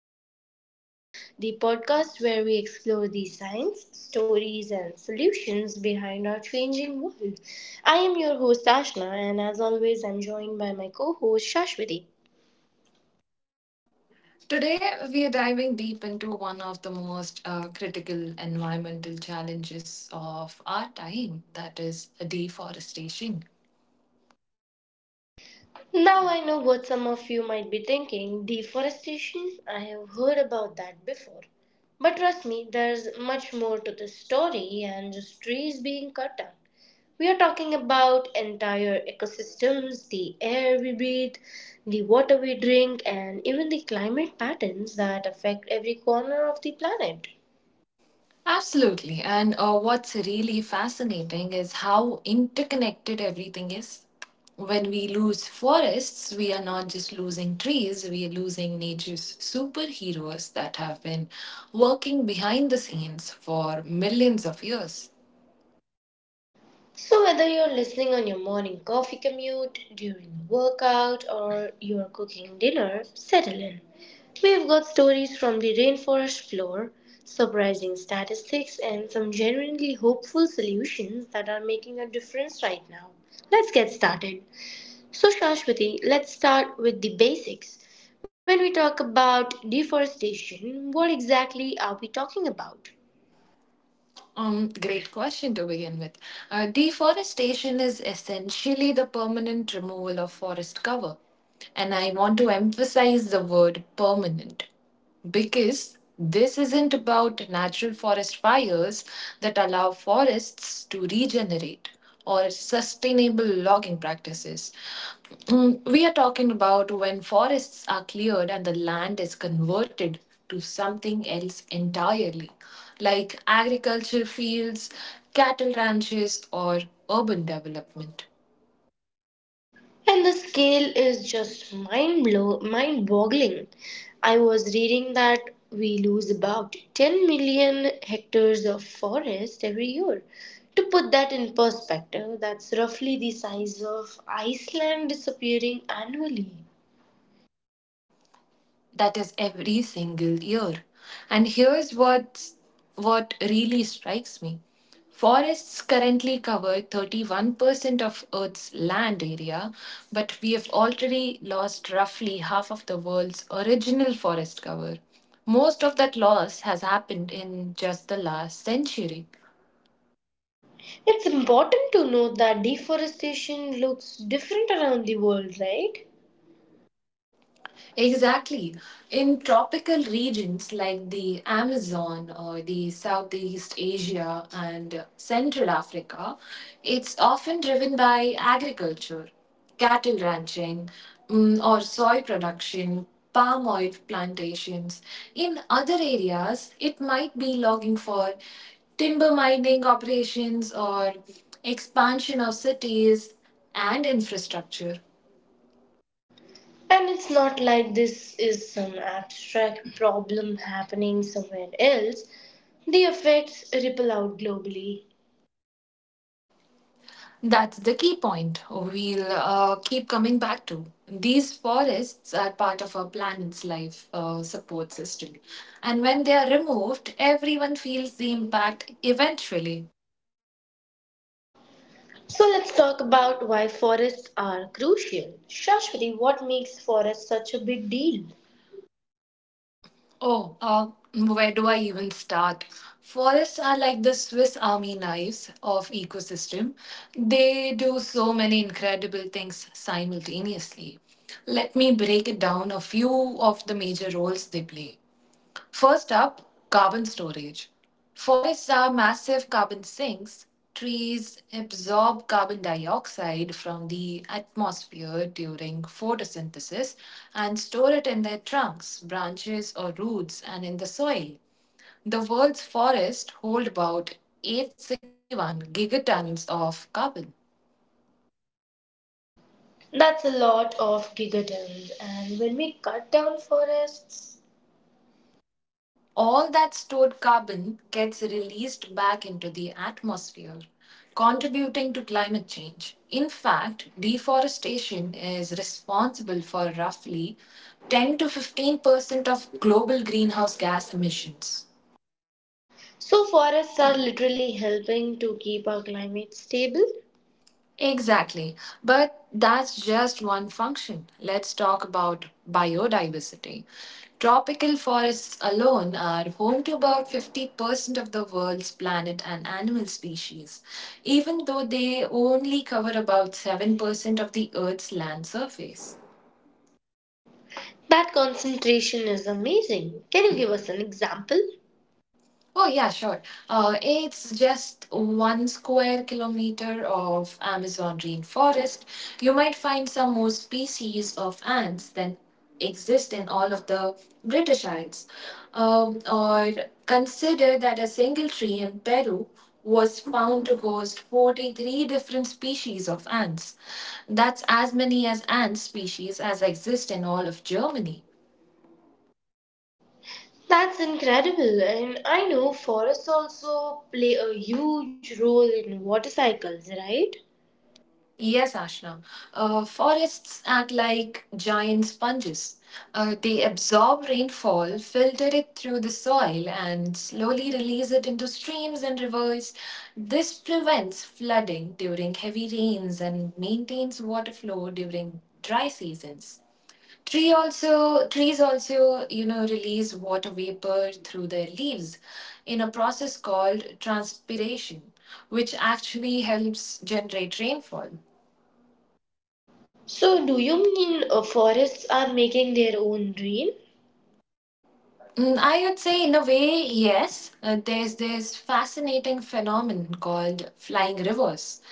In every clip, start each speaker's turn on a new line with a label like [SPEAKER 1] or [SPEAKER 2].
[SPEAKER 1] to Planet Pulse, the podcast where we explore the science, stories, and solutions behind our changing world. I am your host, Ashna, and as always, I'm joined by my co host, Shashwati.
[SPEAKER 2] Today, we are diving deep into one of the most critical environmental challenges of our time that is, deforestation.
[SPEAKER 1] Now, I know what some of you might be thinking deforestation? I have heard about that before. But trust me, there's much more to this story than just trees being cut down. We are talking about entire ecosystems the air we breathe, the water we drink, and even the climate patterns that affect every corner of the planet.
[SPEAKER 2] Absolutely. And what's really fascinating is how interconnected everything is. When we lose forests, we are not just losing trees, we are losing nature's superheroes that have been working behind the scenes for millions of years.
[SPEAKER 1] So, whether you're listening on your morning coffee commute, during a workout, or you're cooking dinner, settle in. We've got stories from the rainforest floor, surprising statistics, and some genuinely hopeful solutions that are making a difference right now. Let's get started. So, Shashwati, let's start with the basics. When we talk about deforestation, what exactly are we talking about?
[SPEAKER 2] Great question to begin with. Deforestation is essentially the permanent removal of forest cover. And I want to emphasize the word permanent because this isn't about natural forest fires that allow forests to regenerate or sustainable logging practices. We are talking about when forests are cleared and the land is converted to something else entirely, like agriculture fields, cattle ranches, or urban development.
[SPEAKER 1] And the scale is just mind boggling. I was reading that we lose about 10 million hectares of forest every year. To put that in perspective, that's roughly the size of Iceland disappearing annually.
[SPEAKER 2] That is every single year, and here's what really strikes me. Forests currently cover 31% of earth's land area, but we have already lost roughly half of the world's original forest cover. Most of that loss has happened in just the last century.
[SPEAKER 1] It's important to note that deforestation looks different around the world, right?
[SPEAKER 2] Exactly. In tropical regions like the Amazon or the Southeast Asia and Central Africa, it's often driven by agriculture, cattle ranching, or soy production, palm oil plantations. In other areas, it might be logging for timber mining operations or expansion of cities and infrastructure.
[SPEAKER 1] And it's not like this is some abstract problem happening somewhere else. The effects ripple out globally.
[SPEAKER 2] That's the key point we'll keep coming back to. These forests are part of our planet's life support system. And when they are removed, everyone feels the impact eventually.
[SPEAKER 1] So let's talk about why forests are crucial. Shashwati, what makes forests such a big deal?
[SPEAKER 2] Oh, where do I even start? Forests are like the Swiss army knives of ecosystem. They do so many incredible things simultaneously. Let me break it down a few of the major roles they play. First up, carbon storage. Forests are massive carbon sinks. Trees absorb carbon dioxide from the atmosphere during photosynthesis and store it in their trunks, branches, or roots and in the soil. The world's forests hold about 861 gigatons of carbon.
[SPEAKER 1] That's a lot of gigatons, and when we cut down forests,
[SPEAKER 2] All that stored carbon gets released back into the atmosphere, contributing to climate change. In fact, deforestation is responsible for roughly 10 to 15% of global greenhouse gas emissions.
[SPEAKER 1] so forests are literally helping to keep our climate stable.
[SPEAKER 2] Exactly. But that's just one function. Let's talk about biodiversity. Tropical forests alone are home to about 50% of the world's plant and animal species, even though they only cover about 7% of the Earth's land surface.
[SPEAKER 1] That concentration is amazing. Can you give us an example?
[SPEAKER 2] Oh, yeah, sure. It's just 1 square kilometer of Amazon rainforest. You might find some more species of ants than exist in all of the British Isles. Or consider that a single tree in Peru was found to host 43 different species of ants. That's as many as ant species as exist in all of Germany.
[SPEAKER 1] That's incredible. And I know forests also play a huge role in water cycles, right?
[SPEAKER 2] Yes, Ashna. Forests act like giant sponges. They absorb rainfall, filter it through the soil, and slowly release it into streams and rivers. This prevents flooding during heavy rains and maintains water flow during dry seasons. Trees also release water vapor through their leaves in a process called transpiration, which actually helps generate rainfall.
[SPEAKER 1] So, do you mean forests are making their own rain?
[SPEAKER 2] I would say, in a way, yes. There's this fascinating phenomenon called flying rivers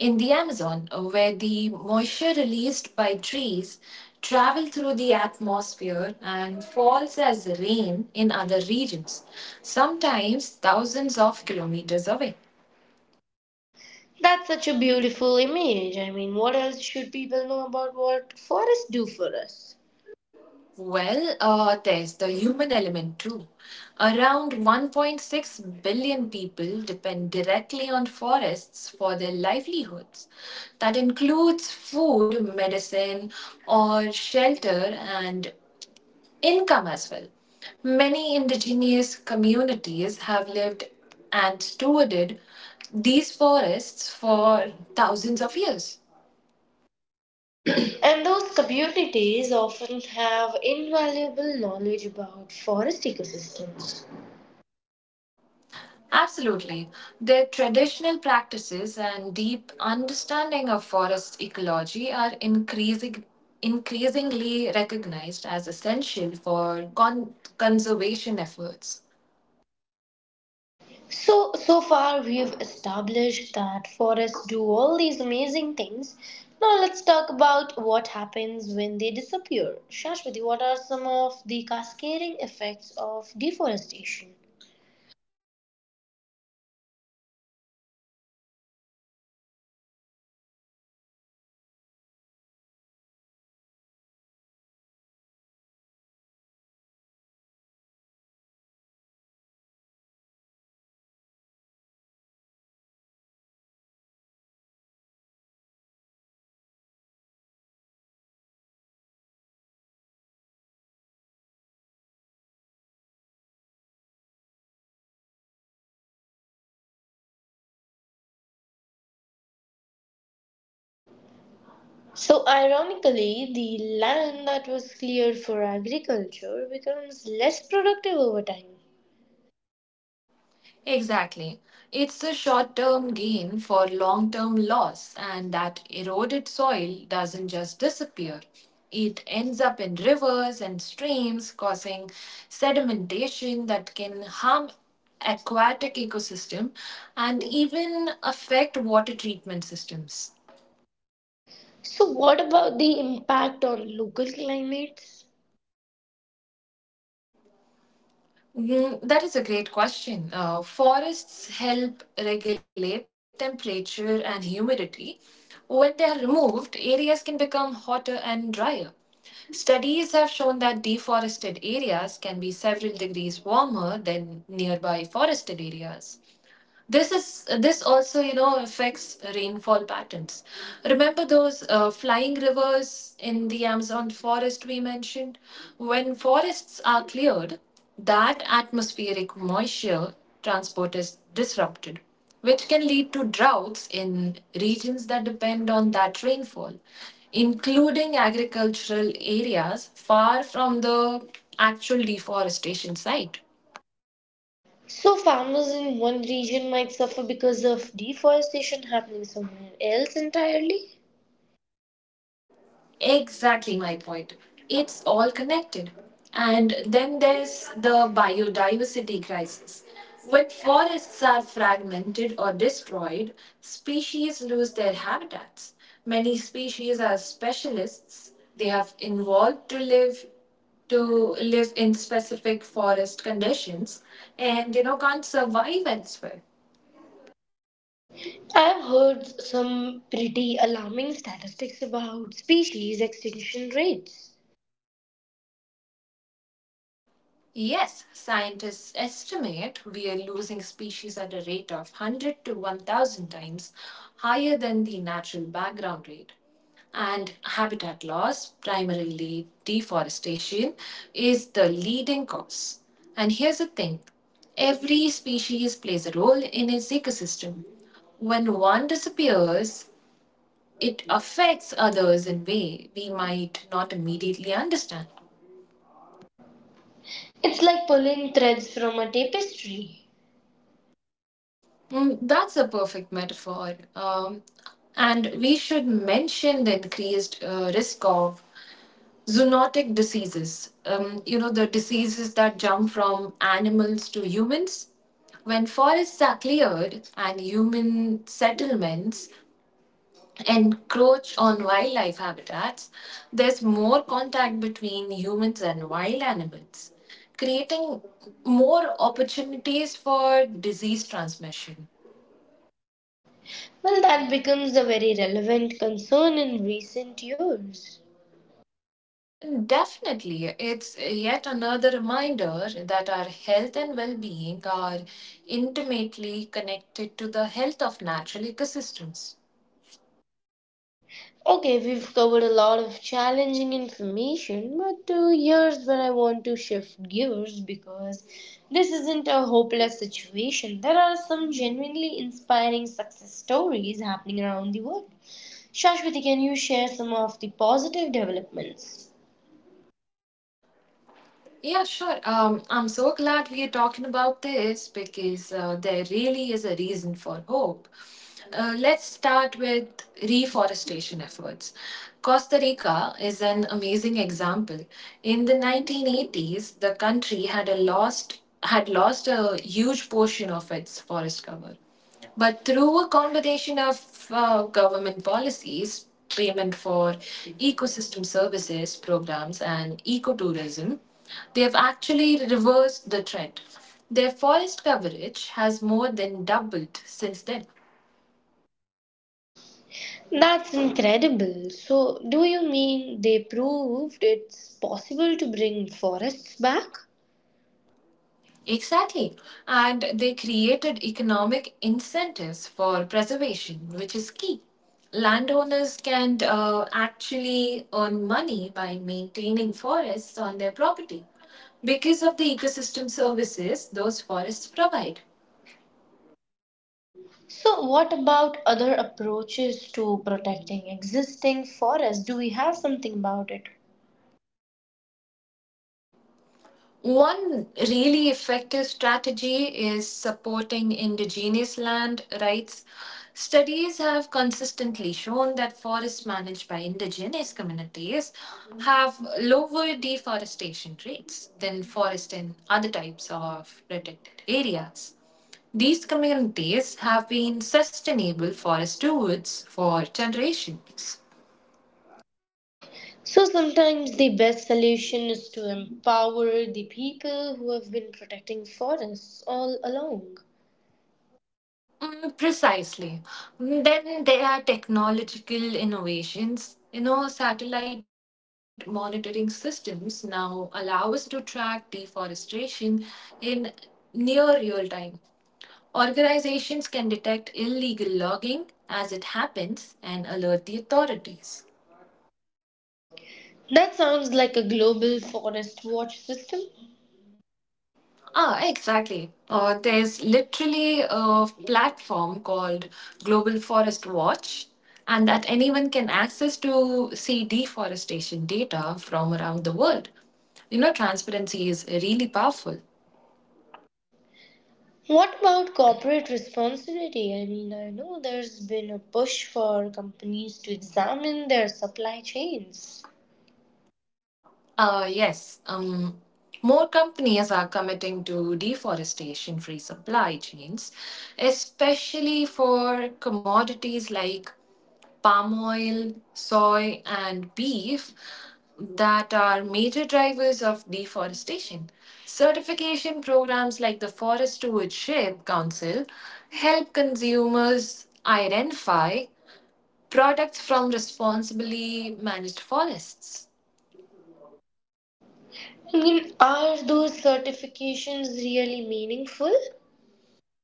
[SPEAKER 2] in the Amazon, where the moisture released by trees travel through the atmosphere and falls as rain in other regions, sometimes thousands of kilometers away.
[SPEAKER 1] That's such a beautiful image. I mean, what else should people know about what forests do for us?
[SPEAKER 2] Well, there's the human element too. Around 1.6 billion people depend directly on forests for their livelihoods. That includes food, medicine, or shelter and income as well. Many indigenous communities have lived and stewarded these forests for thousands of years.
[SPEAKER 1] And those communities often have invaluable knowledge about forest ecosystems.
[SPEAKER 2] Absolutely. Their traditional practices and deep understanding of forest ecology are increasingly recognized as essential for conservation efforts.
[SPEAKER 1] So, so far we've established that forests do all these amazing things. Now let's talk about what happens when they disappear. Shashwati, what are some of the cascading effects of deforestation? So, ironically, the land that was cleared for agriculture becomes less productive over time.
[SPEAKER 2] Exactly. It's a short term gain for long term loss, and that eroded soil doesn't just disappear. It ends up in rivers and streams, causing sedimentation that can harm aquatic ecosystem and even affect water treatment systems.
[SPEAKER 1] So, what about the impact on local climates?
[SPEAKER 2] That is a great question. Forests help regulate temperature and humidity. When they are removed, areas can become hotter and drier. Studies have shown that deforested areas can be several degrees warmer than nearby forested areas. This also affects rainfall patterns. Remember those flying rivers in the Amazon forest we mentioned? When forests are cleared, that atmospheric moisture transport is disrupted, which can lead to droughts in regions that depend on that rainfall, including agricultural areas far from the actual deforestation site.
[SPEAKER 1] So, farmers in one region might suffer because of deforestation happening somewhere else entirely?
[SPEAKER 2] Exactly my point. It's all connected. And then there's the biodiversity crisis. When forests are fragmented or destroyed, species lose their habitats. Many species are specialists. They have evolved to live in specific forest conditions and can't survive elsewhere.
[SPEAKER 1] I've heard some pretty alarming statistics about species extinction rates.
[SPEAKER 2] Yes, scientists estimate we are losing species at a rate of 100 to 1,000 times higher than the natural background rate. And habitat loss, primarily deforestation, is the leading cause. And here's the thing every species plays a role in its ecosystem. When one disappears, it affects others in a way we might not immediately understand.
[SPEAKER 1] It's like pulling threads from a tapestry.
[SPEAKER 2] That's a perfect metaphor. And we should mention the increased risk of zoonotic diseases. The diseases that jump from animals to humans. When forests are cleared and human settlements encroach on wildlife habitats, there's more contact between humans and wild animals, creating more opportunities for disease transmission.
[SPEAKER 1] Well, that becomes a very relevant concern in recent years.
[SPEAKER 2] Definitely. It's yet another reminder that our health and well being are intimately connected to the health of natural ecosystems.
[SPEAKER 1] Okay, we've covered a lot of challenging information, but here's where I want to shift gears because this isn't a hopeless situation. There are some genuinely inspiring success stories happening around the world. Shashwati, can you share some of the positive developments?
[SPEAKER 2] Yeah, sure. I'm so glad we are talking about this because there really is a reason for hope. Let's start with reforestation efforts. Costa Rica is an amazing example. In the 1980s, the country had lost a huge portion of its forest cover. But through a combination of government policies, payment for ecosystem services programs, and ecotourism, they have actually reversed the trend. Their forest coverage has more than doubled since then.
[SPEAKER 1] That's incredible. So, do you mean they proved it's possible to bring forests back?
[SPEAKER 2] Exactly. And they created economic incentives for preservation, which is key. Landowners can actually earn money by maintaining forests on their property because of the ecosystem services those forests provide.
[SPEAKER 1] So, what about other approaches to protecting existing forests? Do we have something about it?
[SPEAKER 2] One really effective strategy is supporting indigenous land rights. Studies have consistently shown that forests managed by indigenous communities have lower deforestation rates than forests in other types of protected areas. These communities have been sustainable forest stewards for generations.
[SPEAKER 1] So, sometimes the best solution is to empower the people who have been protecting forests all along.
[SPEAKER 2] Precisely. Then there are technological innovations. Satellite monitoring systems now allow us to track deforestation in near real time. Organizations can detect illegal logging as it happens and alert the authorities.
[SPEAKER 1] That sounds like a global forest watch system.
[SPEAKER 2] Ah, exactly. There's literally a platform called Global Forest Watch, and that anyone can access to see deforestation data from around the world. Transparency is really powerful.
[SPEAKER 1] What about corporate responsibility? I mean, I know there's been a push for companies to examine their supply chains.
[SPEAKER 2] Yes, more companies are committing to deforestation free supply chains, especially for commodities like palm oil, soy, and beef that are major drivers of deforestation. Certification programs like the Forest Stewardship Council help consumers identify products from responsibly managed forests.
[SPEAKER 1] I mean, are those certifications really meaningful?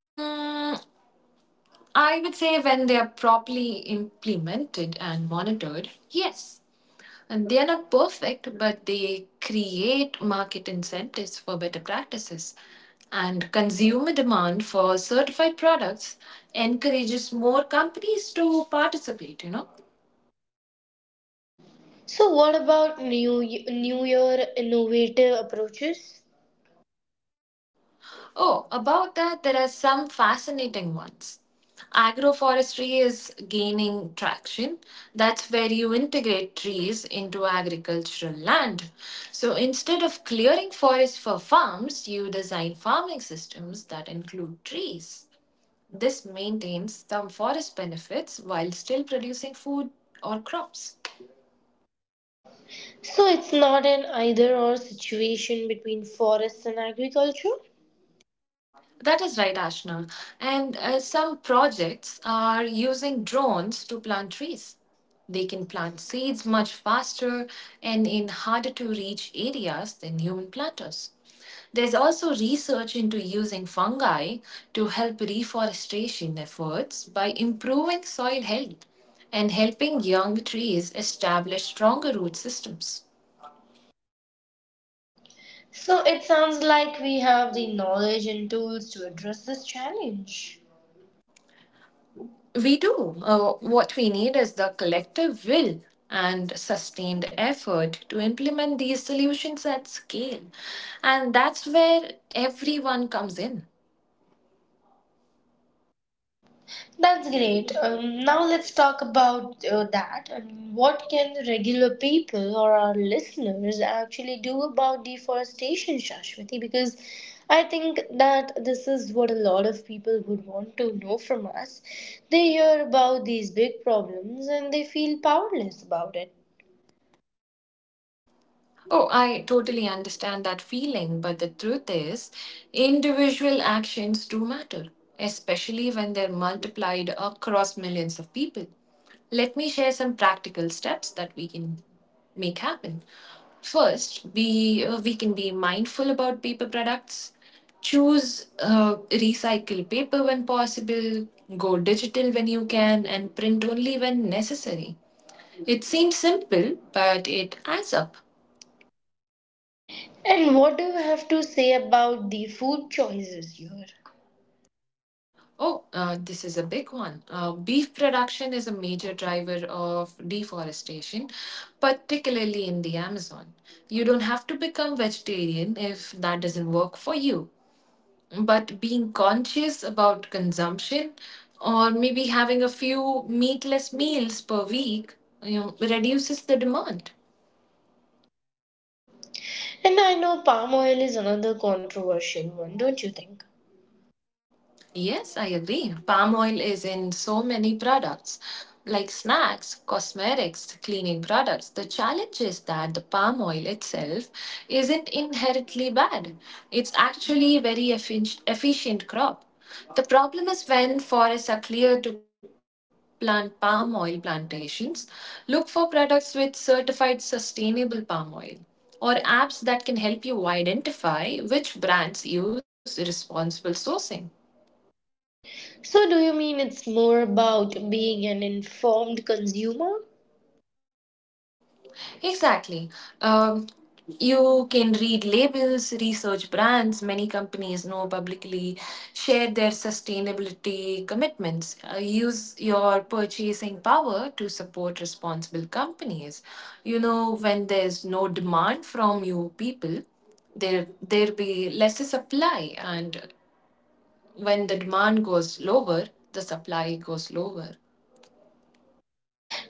[SPEAKER 2] Mm, I would say when they are properly implemented and monitored, yes. And they are not perfect, but they create market incentives for better practices. And consumer demand for certified products encourages more companies to participate.
[SPEAKER 1] So what about new new year innovative approaches?
[SPEAKER 2] Oh, about that, there are some fascinating ones. Agroforestry is gaining traction. That's where you integrate trees into agricultural land. So instead of clearing forests for farms, you design farming systems that include trees. This maintains the forest benefits while still producing food or crops.
[SPEAKER 1] So it's not an either or situation between forests and agriculture.
[SPEAKER 2] That is right, Ashna. And some projects are using drones to plant trees. They can plant seeds much faster and in harder to reach areas than human planters. There's also research into using fungi to help reforestation efforts by improving soil health and helping young trees establish stronger root systems.
[SPEAKER 1] So it sounds like we have the knowledge and tools to address this challenge.
[SPEAKER 2] We do. What we need is the collective will and sustained effort to implement these solutions at scale. And that's where everyone comes in.
[SPEAKER 1] That's great. Now let's talk about that. And what can regular people or our listeners actually do about deforestation, Shashwati? Because I think that this is what a lot of people would want to know from us. They hear about these big problems and they feel powerless about it.
[SPEAKER 2] Oh, I totally understand that feeling, but the truth is, individual actions do matter, especially when they're multiplied across millions of people. Let me share some practical steps that we can make happen. First, we can be mindful about paper products, choose recycle paper when possible, go digital when you can, and print only when necessary. It seems simple, but it adds up.
[SPEAKER 1] And what do you have to say about the food choices here?
[SPEAKER 2] Oh, this is a big one. Beef production is a major driver of deforestation, particularly in the Amazon. You don't have to become vegetarian if that doesn't work for you. But being conscious about consumption, or maybe having a few meatless meals per week, reduces the demand.
[SPEAKER 1] And I know palm oil is another controversial one, don't you think?
[SPEAKER 2] Yes, I agree. Palm oil is in so many products, like snacks, cosmetics, cleaning products. The challenge is that the palm oil itself isn't inherently bad. It's actually a very efficient crop. The problem is when forests are cleared to plant palm oil plantations, look for products with certified sustainable palm oil or apps that can help you identify which brands use responsible sourcing.
[SPEAKER 1] So, do you mean it's more about being an informed consumer?
[SPEAKER 2] Exactly. Um, you can read labels, research brands. Many companies now publicly share their sustainability commitments. Use your purchasing power to support responsible companies. When there's no demand from you people, there be lesser supply, and when the demand goes lower, the supply goes lower.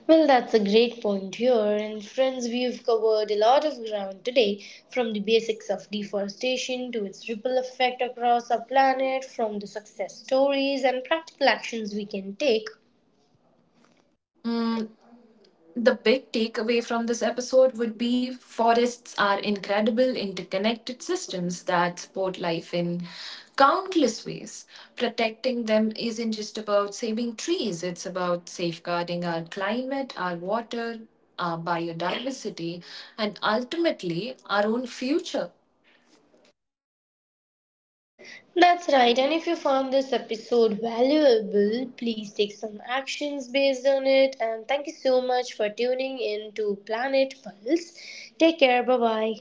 [SPEAKER 1] Well, that's a great point here, and friends, we've covered a lot of ground today from the basics of deforestation to its ripple effect across our planet, from the success stories and practical actions we can take.
[SPEAKER 2] Mm, the big takeaway from this episode would be forests are incredible interconnected systems that support life in countless ways. Protecting them isn't just about saving trees, it's about safeguarding our climate, our water, our biodiversity, and ultimately our own future.
[SPEAKER 1] That's right, and if you found this episode valuable, please take some actions based on it. And thank you so much for tuning in to Planet Pulse. Take care, bye bye.